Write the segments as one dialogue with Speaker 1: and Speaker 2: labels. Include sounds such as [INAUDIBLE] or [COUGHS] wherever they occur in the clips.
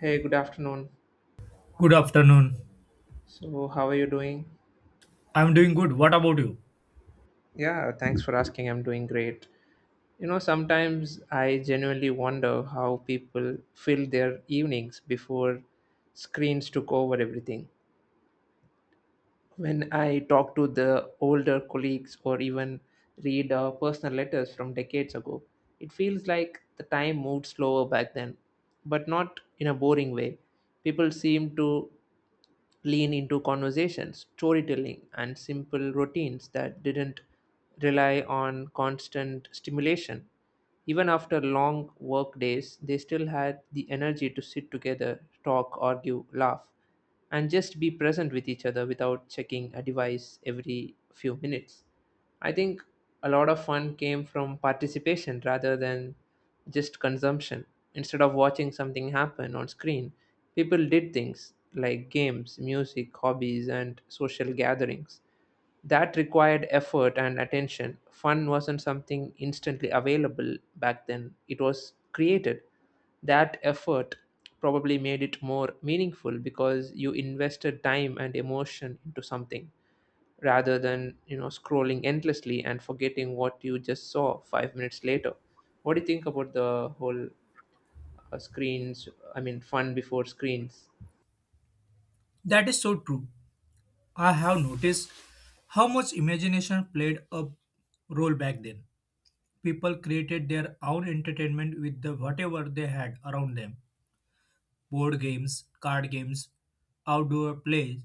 Speaker 1: Hey, good afternoon.
Speaker 2: Good afternoon.
Speaker 1: So, how are you doing?
Speaker 2: I'm doing good. What about you?
Speaker 1: Yeah, thanks for asking. I'm doing great. You know, sometimes I genuinely wonder how people fill their evenings before screens took over everything. When I talk to the older colleagues or even read personal letters from decades ago, it feels like the time moved slower back then, but not in a boring way. People seem to lean into conversations, storytelling, and simple routines that didn't rely on constant stimulation. Even after long work days, they still had the energy to sit together, talk, argue, laugh, and just be present with each other without checking a device every few minutes. I think a lot of fun came from participation rather than just consumption. Instead of watching something happen on screen, people did things like games, music, hobbies, and social gatherings. That required effort and attention. Fun wasn't something instantly available back then, it was created. That effort probably made it more meaningful because you invested time and emotion into something rather than scrolling endlessly and forgetting what you just saw 5 minutes later. What do you think about the whole screens, I mean, fun before screens?
Speaker 2: That is so true. I have noticed how much imagination played a role back then. People created their own entertainment with the whatever they had around them. Board games, card games, outdoor plays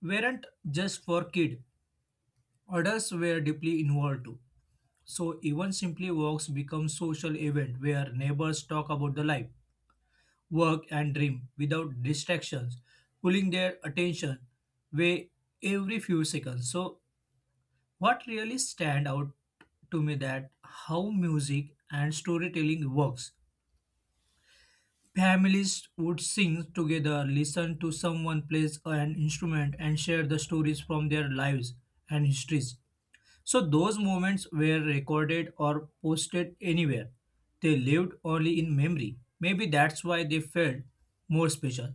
Speaker 2: weren't just for kids. Adults were deeply involved too. So even simply walks become social event where neighbors talk about the life work and dream without distractions pulling their attention away every few seconds. So what really stand out to me that how music and storytelling works. Families would sing together, listen to someone plays an instrument, and share the stories from their lives and histories. So those moments were recorded or posted anywhere. They lived only in memory. Maybe that's why they felt more special.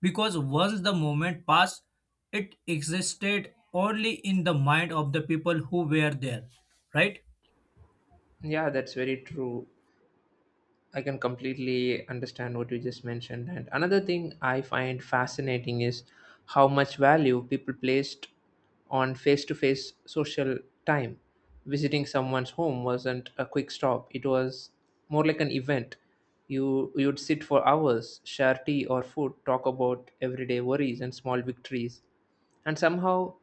Speaker 2: Because once the moment passed, it existed only in the mind of the people who were there. Right?
Speaker 1: Yeah, that's very true. I can completely understand what you just mentioned. And another thing I find fascinating is how much value people placed on face to face social time. Visiting someone's home wasn't a quick stop, it was more like an event. You'd sit for hours, share tea or food, talk about everyday worries and small victories. And somehow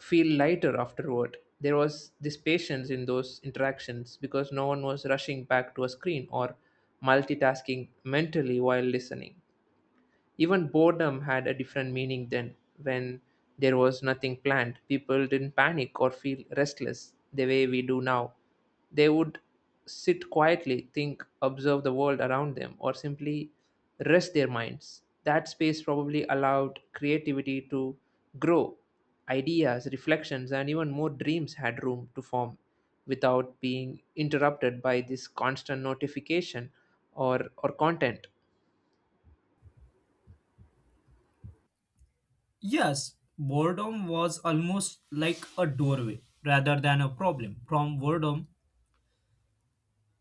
Speaker 1: feel lighter afterward. There was this patience in those interactions because no one was rushing back to a screen or multitasking mentally while listening. Even boredom had a different meaning then. When there was nothing planned, people didn't panic or feel restless the way we do now. They would sit quietly, think, observe the world around them, or simply rest their minds. That space probably allowed creativity to grow. Ideas, reflections, and even more dreams had room to form without being interrupted by this constant notification or content.
Speaker 2: Yes, boredom was almost like a doorway rather than a problem. From boredom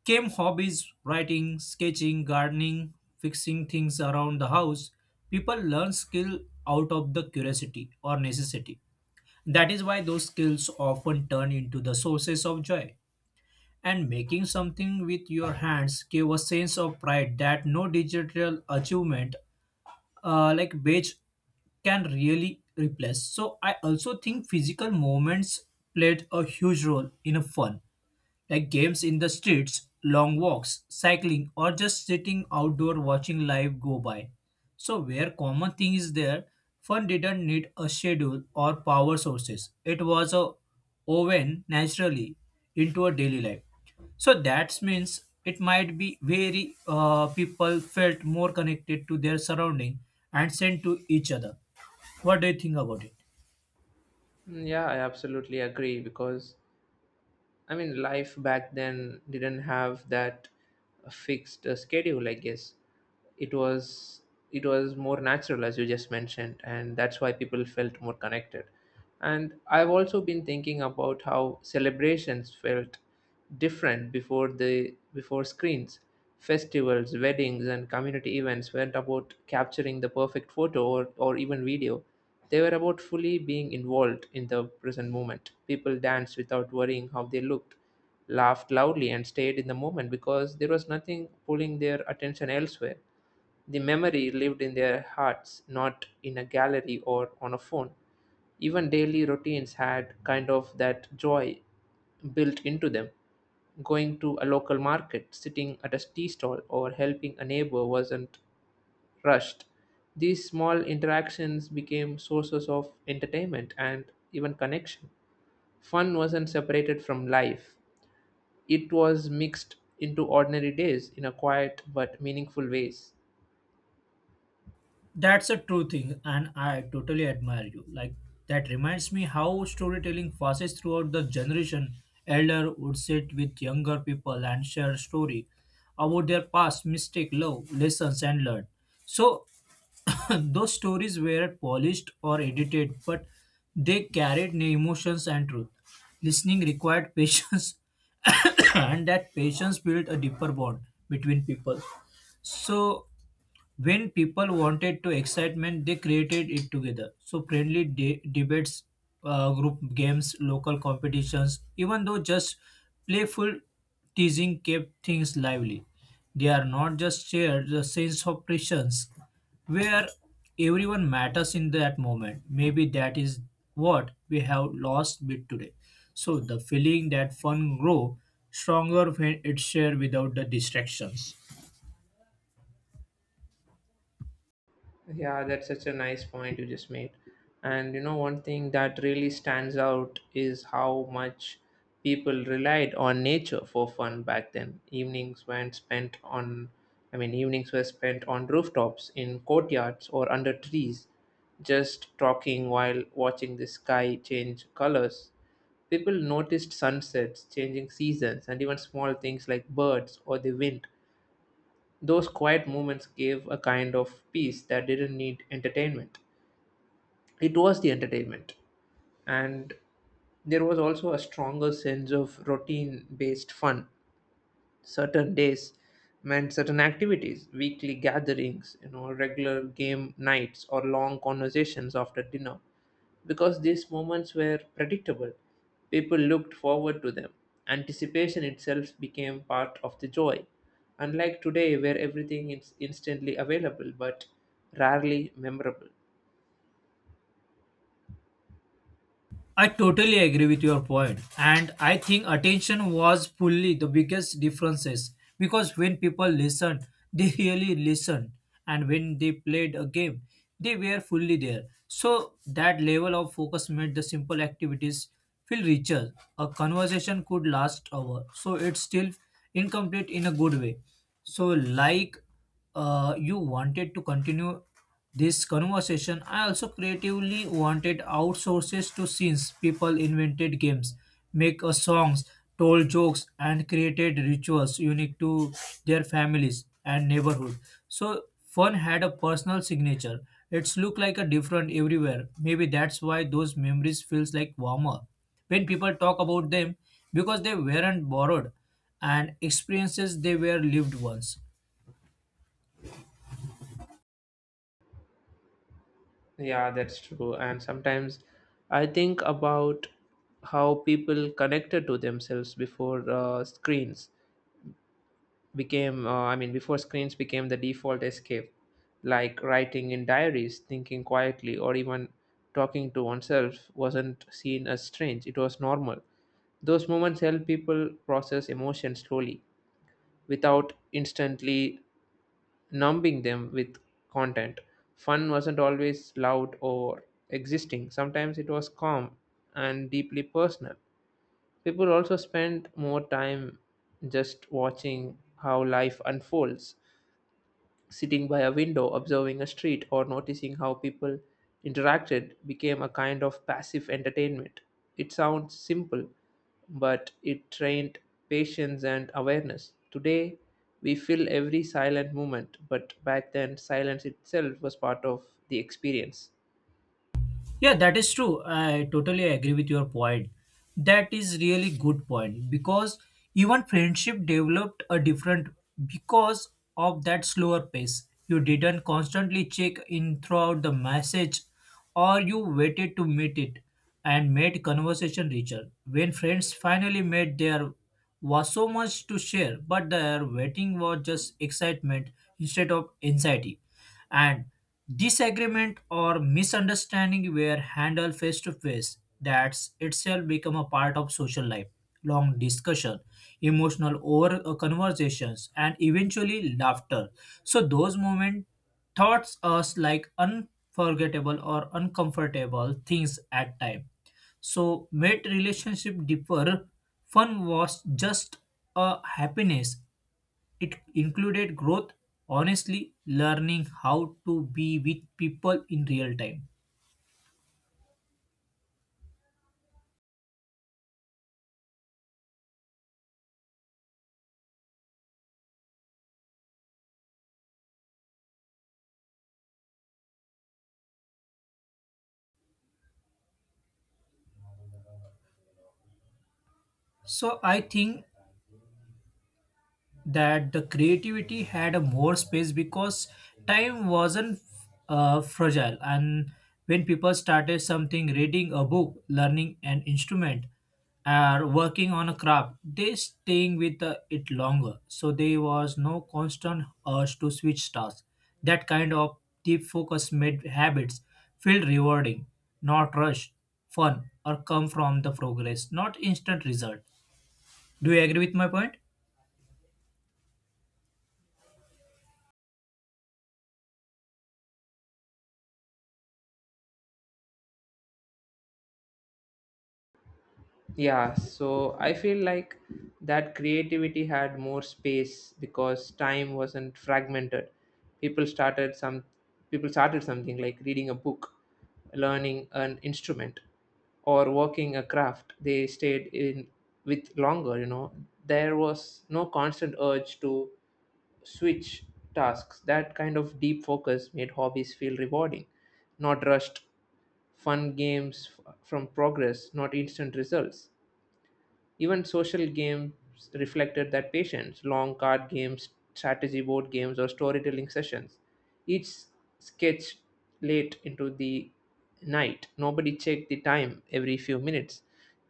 Speaker 2: came hobbies, writing, sketching, gardening, fixing things around the house. People learn skill out of the curiosity or necessity. That is why those skills often turn into the sources of joy. And making something with your hands gave a sense of pride that no digital achievement like badge can really replace. So I also think physical movements played a huge role in a fun, like games in the streets, long walks, cycling, or just sitting outdoor watching life go by. So, where common thing is there, fun didn't need a schedule or power sources. It was a woven naturally into a daily life. So that means it might be very people felt more connected to their surrounding and sent to each other. What do you think about it?
Speaker 1: Mm, yeah, I absolutely agree, because I mean, life back then didn't have that fixed schedule, I guess. It was it was more natural as you just mentioned, and that's why people felt more connected. And I've also been thinking about how celebrations felt different before screens. Festivals, weddings, and community events weren't about capturing the perfect photo or even video. They were about fully being involved in the present moment. People danced without worrying how they looked, laughed loudly, and stayed in the moment because there was nothing pulling their attention elsewhere. The memory lived in their hearts, not in a gallery or on a phone. Even daily routines had kind of that joy built into them. Going to a local market, sitting at a tea stall, or helping a neighbor wasn't rushed. These small interactions became sources of entertainment and even connection. Fun wasn't separated from life, it was mixed into ordinary days in a quiet but meaningful ways.
Speaker 2: That's a true thing, and I totally admire you. Like that reminds me how storytelling passes throughout the generation. Elder would sit with younger people and share story about their past, mistake, love, lessons, and learn. So [COUGHS] those stories were polished or edited, but they carried emotions and truth. Listening required [LAUGHS] patience, [COUGHS] and that patience built a deeper bond between people. So when people wanted to excitement, they created it together. So friendly debates, group games, local competitions, even though just playful teasing kept things lively. They are not just shared the sense of presence where everyone matters in that moment. Maybe that is what we have lost bit today. So the feeling that fun grow stronger when it's shared without the distractions.
Speaker 1: Yeah, that's such a nice point you just made. And you know, one thing that really stands out is how much people relied on nature for fun back then. Evenings went spent on, I mean, evenings were spent on rooftops, in courtyards, or under trees, just talking while watching the sky change colors. People noticed sunsets, changing seasons, and even small things like birds or the wind. Those quiet moments gave a kind of peace that didn't need entertainment. It was the entertainment. And there was also a stronger sense of routine based fun. Certain days meant certain activities, weekly gatherings, regular game nights or long conversations after dinner, because these moments were predictable, people looked forward to them. Anticipation itself became part of the joy, unlike today where everything is instantly available but rarely memorable.
Speaker 2: I totally agree with your point, and I think attention was fully the biggest differences, because when people listened, [LAUGHS] they really listened, and when they played a game, they were fully there. So that level of focus made the simple activities feel richer. A conversation could last hour, so it's still incomplete in a good way. So like you wanted to continue this conversation. I also creatively wanted outsources to scenes. People invented games, make songs, told jokes, and created rituals unique to their families and neighborhood. So fun had a personal signature. It's look like a different everywhere. Maybe that's why those memories feels like warmer when people talk about them, because they weren't borrowed and experiences they were lived once.
Speaker 1: Yeah, that's true. And sometimes I think about how people connected to themselves before screens became, I mean, before screens became the default escape, like writing in diaries, thinking quietly, or even talking to oneself wasn't seen as strange, it was normal. Those moments help people process emotions slowly without instantly numbing them with content. Fun wasn't always loud or existing, sometimes it was calm and deeply personal. People also spent more time just watching how life unfolds. Sitting by a window, observing a street, or noticing how people interacted became a kind of passive entertainment. It sounds simple, but it trained patience and awareness. Today, we feel every silent moment, but back then, silence itself was part of the experience.
Speaker 2: Yeah, that is true. I totally agree with your point. That is really good point because even friendship developed a different because of that slower pace. You didn't constantly check in throughout the message, or you waited to meet it and made conversation richer. When friends finally met, there was so much to share, but their waiting was just excitement instead of anxiety. And disagreement or misunderstanding were handled face to face. That's itself become a part of social life. Long discussion, emotional over conversations, and eventually laughter. So those moments taught us like unforgettable or uncomfortable things at time, so made relationship differ. Fun was just a happiness, it included growth, honestly learning how to be with people in real time. So I think that the creativity had a more space because time wasn't fragile. And when people started something, reading a book, learning an instrument, or working on a craft, they staying with it longer. So there was no constant urge to switch tasks. That kind of deep focus made habits feel rewarding, not rushed. Fun or come from the progress, not instant result. Do you agree with my point?
Speaker 1: Yeah, so I feel like that creativity had more space because time wasn't fragmented. People started some people started something like reading a book, learning an instrument, or working a craft. They stayed in with longer. There was no constant urge to switch tasks. That kind of deep focus made hobbies feel rewarding, not rushed. Fun games from progress, not instant results. Even social games reflected that patience, long card games, strategy board games, or storytelling sessions. Each sketched late into the night. Nobody checked the time every few minutes.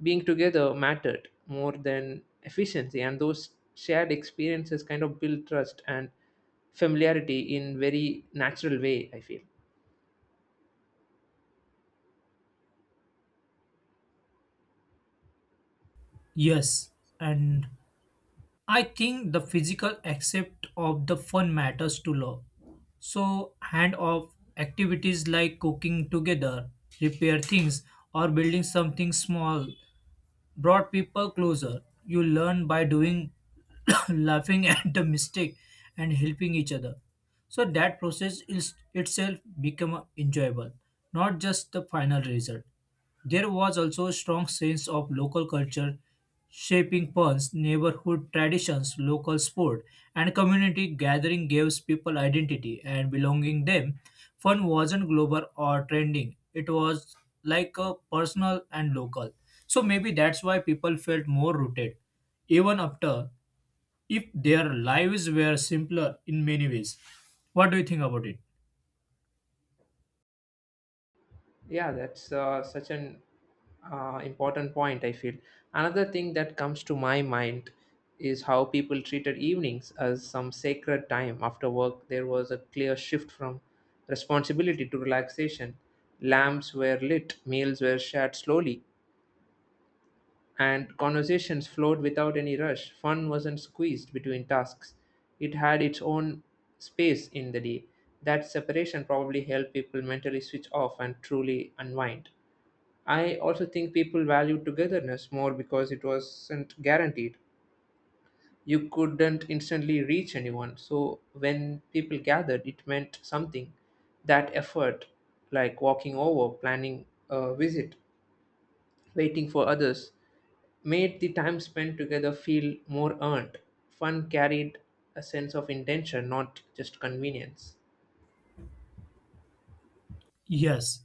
Speaker 1: Being together mattered more than efficiency, and those shared experiences kind of build trust and familiarity in very natural way, I feel.
Speaker 2: Yes, and I think the physical aspect of the fun matters to love. So, hand off activities like cooking together, repair things, or building something small brought people closer. You learn by doing, [COUGHS] laughing at the mistake, and helping each other. So that process is itself become enjoyable, not just the final result. There was also a strong sense of local culture shaping Pun's neighborhood traditions, local sport, and community gathering gives people identity and belonging them. Fun wasn't global or trending. It was like a personal and local. So maybe that's why people felt more rooted, even after if their lives were simpler in many ways. What do you think about it?
Speaker 1: Yeah, that's such an important point, I feel. Another thing that comes to my mind is how people treated evenings as some sacred time after work. There was a clear shift from responsibility to relaxation. Lamps were lit, meals were shared slowly, and conversations flowed without any rush. Fun wasn't squeezed between tasks, it had its own space in the day. That separation probably helped people mentally switch off and truly unwind. I also think people valued togetherness more because it wasn't guaranteed. You couldn't instantly reach anyone, so when people gathered, it meant something. That effort, like walking over, planning a visit, waiting for others, made the time spent together feel more earned. Fun carried a sense of intention, not just convenience.
Speaker 2: Yes,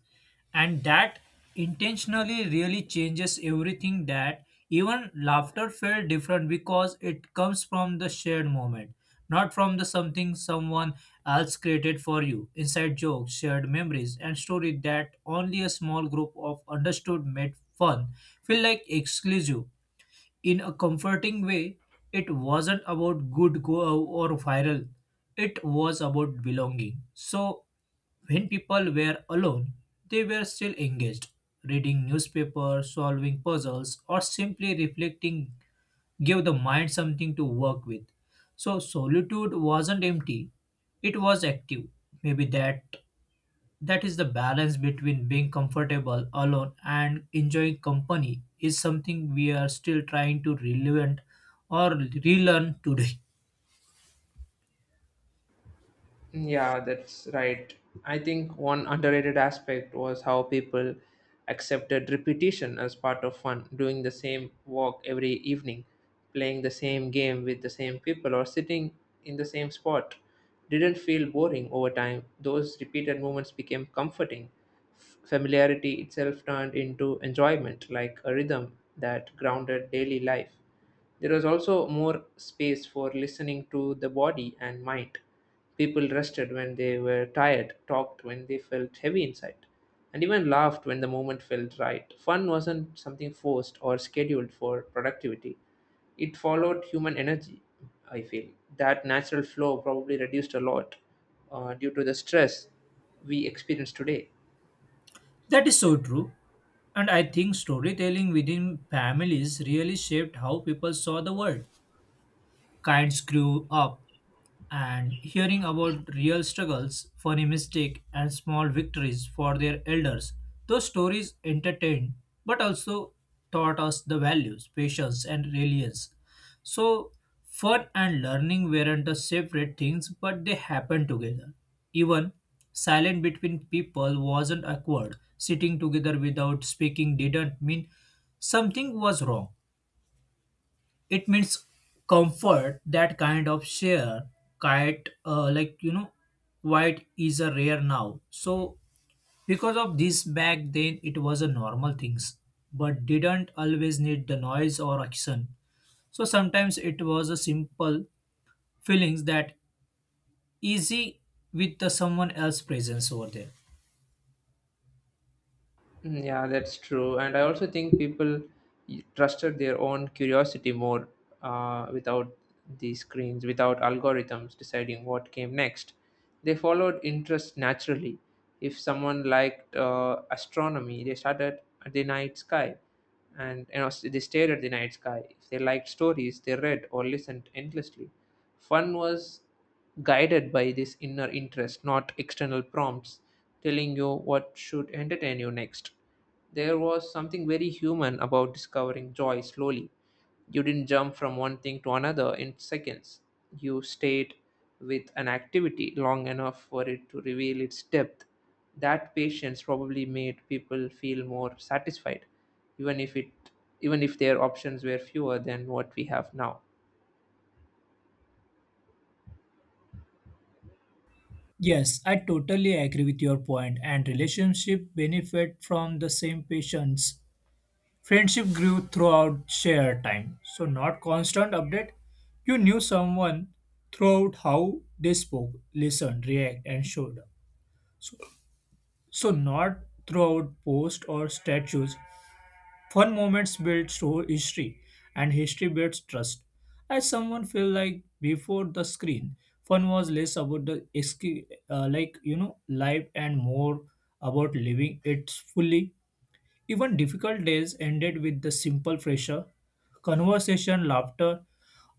Speaker 2: and that intentionally really changes everything, that even laughter felt different because it comes from the shared moment, not from the something someone else created for you. Inside jokes, shared memories, and story that only a small group of understood made fun feel like exclusive in a comforting way. It wasn't about good go or viral. It was about belonging. So when people were alone, they were still engaged. Reading newspapers, solving puzzles, or simply reflecting gave the mind something to work with. So solitude wasn't empty, it was active. Maybe that is the balance between being comfortable alone and enjoying company is something we are still trying to relevant or relearn today.
Speaker 1: Yeah, that's right. I think one underrated aspect was how people accepted repetition as part of fun, doing the same walk every evening, playing the same game with the same people, or sitting in the same spot. Didn't feel boring over time. Those repeated movements became comforting. Familiarity itself turned into enjoyment, like a rhythm that grounded daily life. There was also more space for listening to the body and mind. People rested when they were tired, talked when they felt heavy inside, and even laughed when the moment felt right. Fun wasn't something forced or scheduled for productivity, it followed human energy, I feel. That natural flow probably reduced a lot due to the stress we experience today.
Speaker 2: That is so true. And I think storytelling within families really shaped how people saw the world. Kinds grew up and hearing about real struggles, funny mistakes, and small victories for their elders. Those stories entertained but also taught us the values, patience, and resilience. So, fun and learning weren't the separate things, but they happened together. Even silence between people wasn't awkward. Sitting together without speaking didn't mean something was wrong, it means comfort. That kind of share kite like you know white is a rare now. So because of this back then it was a normal things, but didn't always need the noise or action. So sometimes it was a simple feelings that easy with the someone else presence over there.
Speaker 1: Mm, yeah, that's true. And I also think people trusted their own curiosity more, without these screens, without algorithms deciding what came next. They followed interest naturally. If someone liked astronomy, they started at the night sky and you know, s- they stared at the night sky. If they liked stories, they read or listened endlessly. Fun was guided by this inner interest, not external prompts telling you what should entertain you next. There was something very human about discovering joy slowly. You didn't jump from one thing to another in seconds. You stayed with an activity long enough for it to reveal its depth. That patience probably made people feel more satisfied, even if it even if their options were fewer than what we have now.
Speaker 2: Yes, I totally agree with your point, and relationship benefit from the same patience. Friendship grew throughout shared time, so not constant update. You knew someone throughout how they spoke, listened, react, and showed up. So not throughout posts or statues. Fun moments build through history, and history builds trust. As someone feel like before the screen, fun was less about the escape, like you know life, and more about living it fully. Even difficult days ended with the simple pressure, conversation, laughter,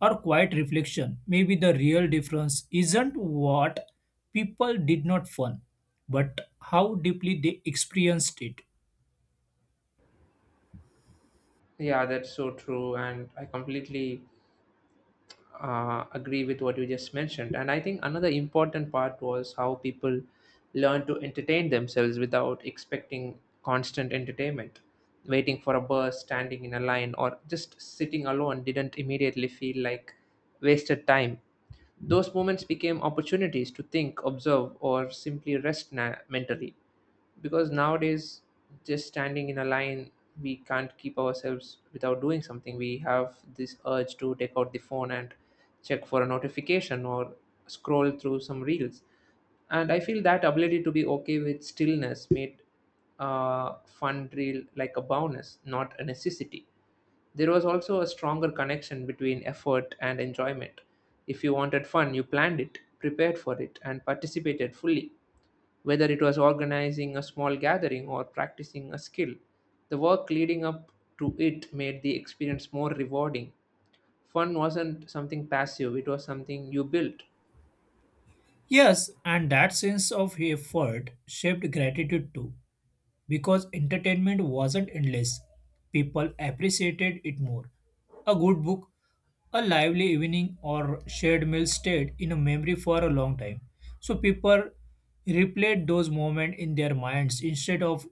Speaker 2: or quiet reflection. Maybe the real difference isn't what people did not fun, but how deeply they experienced it.
Speaker 1: Yeah, that's so true. And I completely agree with what you just mentioned. And I think another important part was how people learn to entertain themselves without expecting constant entertainment. Waiting for a bus, standing in a line, or just sitting alone didn't immediately feel like wasted time. Those moments became opportunities to think, observe, or simply rest mentally, because nowadays, just standing in a line, we can't keep ourselves without doing something. We have this urge to take out the phone and check for a notification or scroll through some reels. And I feel that ability to be okay with stillness made fun reel like a bonus, not a necessity. There was also a stronger connection between effort and enjoyment. If you wanted fun, you planned it, prepared for it, and participated fully. Whether it was organizing a small gathering or practicing a skill, the work leading up to it made the experience more rewarding. Fun wasn't something passive, it was something you built.
Speaker 2: Yes, and that sense of effort shaped gratitude too. Because entertainment wasn't endless. People appreciated it more. A good book, a lively evening, or shared meal stayed in a memory for a long time. So people replayed those moments in their minds instead of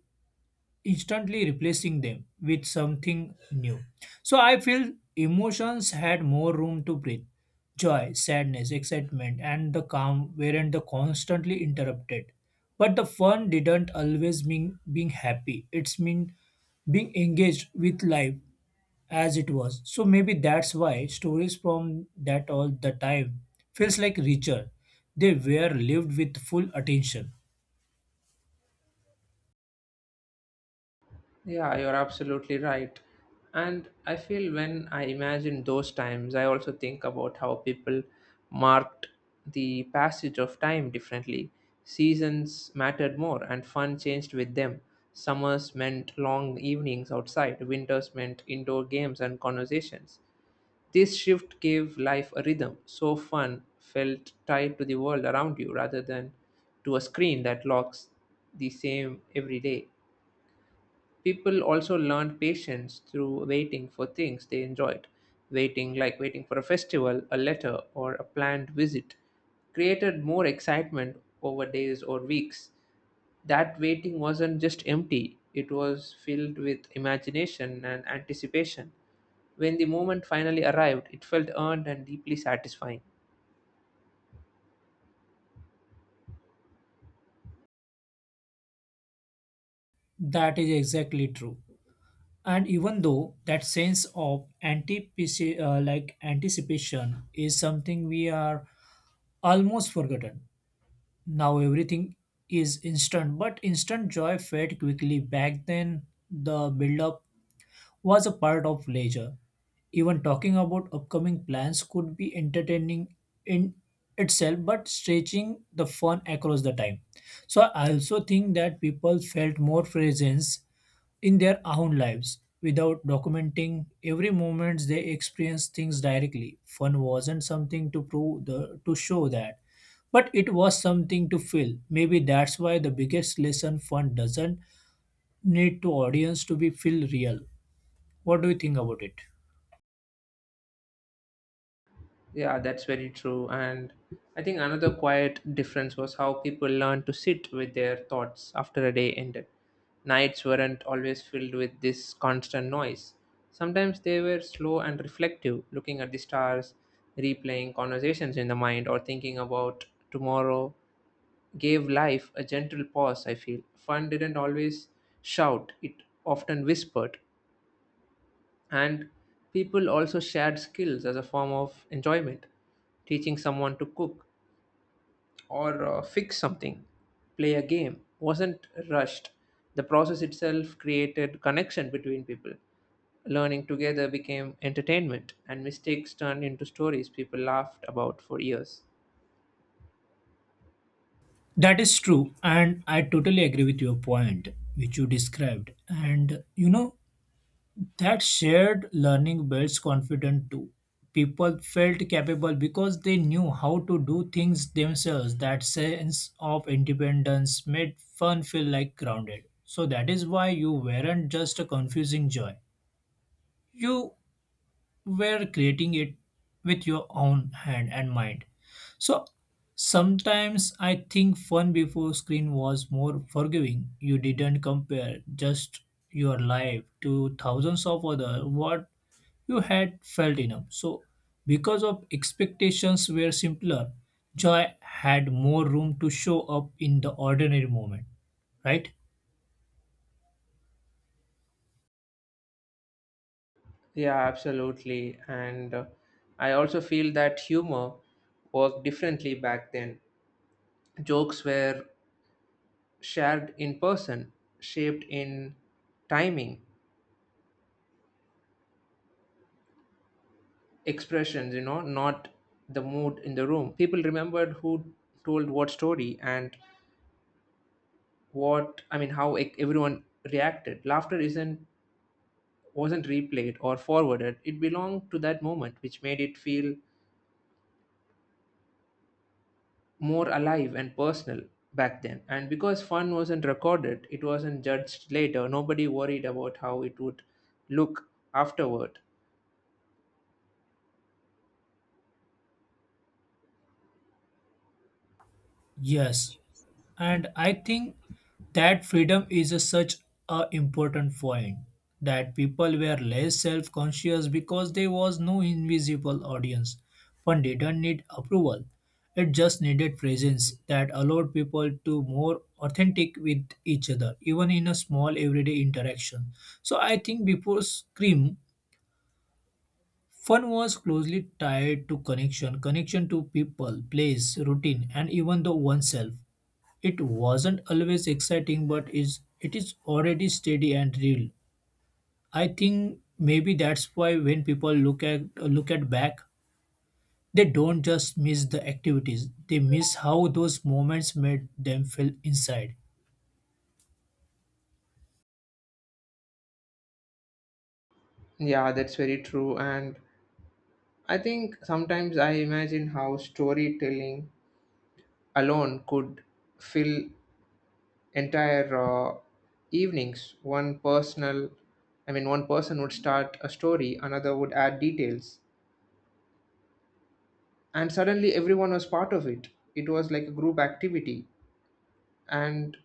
Speaker 2: instantly replacing them with something new. So I feel emotions had more room to breathe. Joy, sadness, excitement, and the calm weren't the constantly interrupted. But the fun didn't always mean being happy. It's mean being engaged with life as it was. So maybe that's why stories from that all the time feels like richer. They were lived with full attention.
Speaker 1: Yeah, you're absolutely right. And I feel when I imagine those times, I also think about how people marked the passage of time differently. Seasons mattered more, and fun changed with them. Summers meant long evenings outside, winters meant indoor games and conversations. This shift gave life a rhythm, so fun felt tied to the world around you rather than to a screen that locks the same every day. People also learned patience through waiting for things they enjoyed. Waiting, like waiting for a festival, a letter, or a planned visit, created more excitement over days or weeks. That waiting wasn't just empty, it was filled with imagination and anticipation. When the moment finally arrived, it felt earned and deeply satisfying.
Speaker 2: That is exactly true. And even though that sense of like anticipation is something we are almost forgotten now. Everything is instant, but instant joy fade quickly. Back then the build up was a part of leisure. Even talking about upcoming plans could be entertaining in itself, but stretching the fun across the time. So I also think that people felt more presence in their own lives without documenting every moment. They experienced things directly. Fun wasn't something to prove the to show that, but it was something to feel. Maybe that's why the biggest lesson fund doesn't need to audience to be feel real. What do you think about it?
Speaker 1: Yeah, that's very true. And I think another quiet difference was how people learned to sit with their thoughts after a day ended. Nights weren't always filled with this constant noise. Sometimes they were slow and reflective, looking at the stars, replaying conversations in the mind, or thinking about tomorrow. Gave life a gentle pause, I feel. Fun didn't always shout, it often whispered, and people also shared skills as a form of enjoyment. Teaching someone to cook or fix something, play a game wasn't rushed. The process itself created connection between people. Learning together became entertainment, and mistakes turned into stories people laughed about for years.
Speaker 2: That is true, and I totally agree with your point, which you described. And you know, that shared learning builds confidence too. People felt capable because they knew how to do things themselves. That sense of independence made fun feel like grounded. So that is why you weren't just a confusing joy. You were creating it with your own hand and mind. So sometimes I think fun before screen was more forgiving. You didn't compare just your life to thousands of other what you had felt enough. So because of expectations were simpler, joy had more room to show up in the ordinary moment, right?
Speaker 1: Yeah, absolutely. And I also feel that humor worked differently back then. Jokes were shared in person, shaped in timing, expressions, you know, not the mood in the room. People remembered who told what story and how everyone reacted. Laughter isn't Wasn't replayed or forwarded. It belonged to that moment, which made it feel more alive and personal back then. And because fun wasn't recorded, it wasn't judged later. Nobody worried about how it would look afterward.
Speaker 2: Yes. And I think that freedom is a such a important point, that people were less self-conscious because there was no invisible audience. One didn't need approval. It just needed presence that allowed people to more authentic with each other, even in a small everyday interaction. So I think before Scream, fun was closely tied to connection, connection to people, place, routine, and even the oneself. It wasn't always exciting, but is it is already steady and real. I think maybe that's why when people look at back, they don't just miss the activities; they miss how those moments made them feel inside.
Speaker 1: Yeah, that's very true. And I think sometimes I imagine how storytelling alone could fill entire evenings. One person would start a story, another would add details, and suddenly everyone was part of it. It was like a group activity, and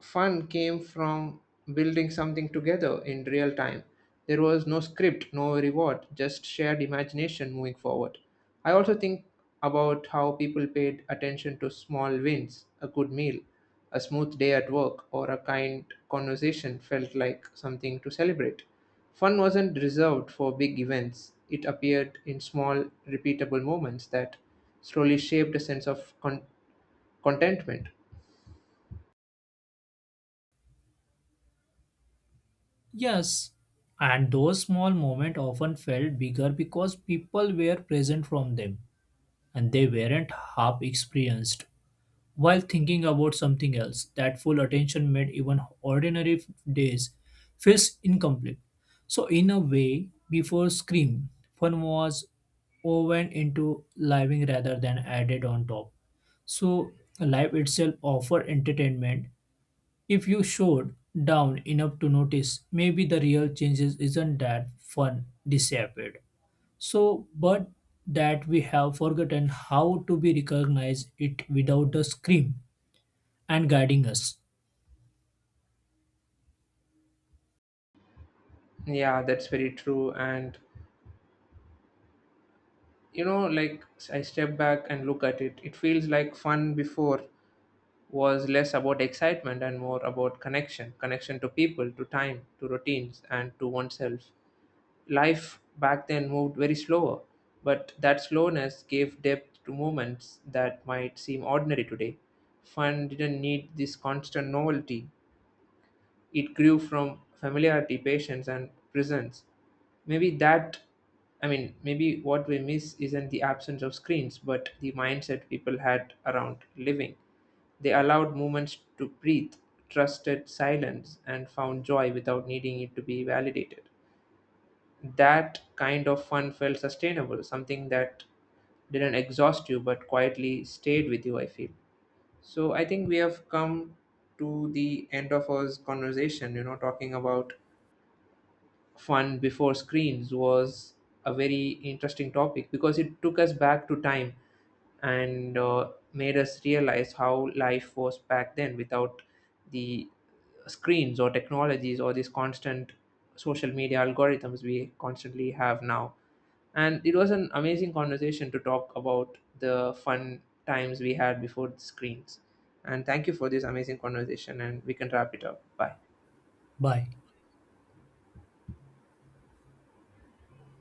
Speaker 1: fun came from building something together in real time. There was no script, no reward, just shared imagination moving forward. I also think about how people paid attention to small wins. A good meal, a smooth day at work, or a kind conversation felt like something to celebrate. Fun wasn't reserved for big events, it appeared in small, repeatable moments that slowly shaped a sense of contentment.
Speaker 2: Yes, and those small moments often felt bigger because people were present from them, and they weren't half experienced while thinking about something else. That full attention made even ordinary days feel incomplete. So, in a way, before Scream, fun was woven into living rather than added on top. So, life itself offered entertainment. If you showed down enough to notice, maybe the real changes isn't that fun disappeared. So, but that we have forgotten how to be recognize it without the scream and guiding us.
Speaker 1: Yeah, that's very true. And you know, like, I step back and look at it, it feels like fun before was less about excitement and more about connection, connection to people, to time, to routines, and to oneself. Life back then moved very slower, but that slowness gave depth to moments that might seem ordinary today. Fun didn't need this constant novelty, it grew from familiarity, patience, and presence. Maybe that, I mean, Maybe what we miss isn't the absence of screens, but the mindset people had around living. They allowed moments to breathe, trusted silence, and found joy without needing it to be validated. That kind of fun felt sustainable, something that didn't exhaust you but quietly stayed with you, I feel. So I think we have come to the end of our conversation, you know, talking about fun before screens. Was a very interesting topic because it took us back to time, and made us realize how life was back then without the screens or technologies or these constant social media algorithms we constantly have now. And it was an amazing conversation to talk about the fun times we had before the screens. And thank you for this amazing conversation, and we can wrap it up. Bye.
Speaker 2: Bye.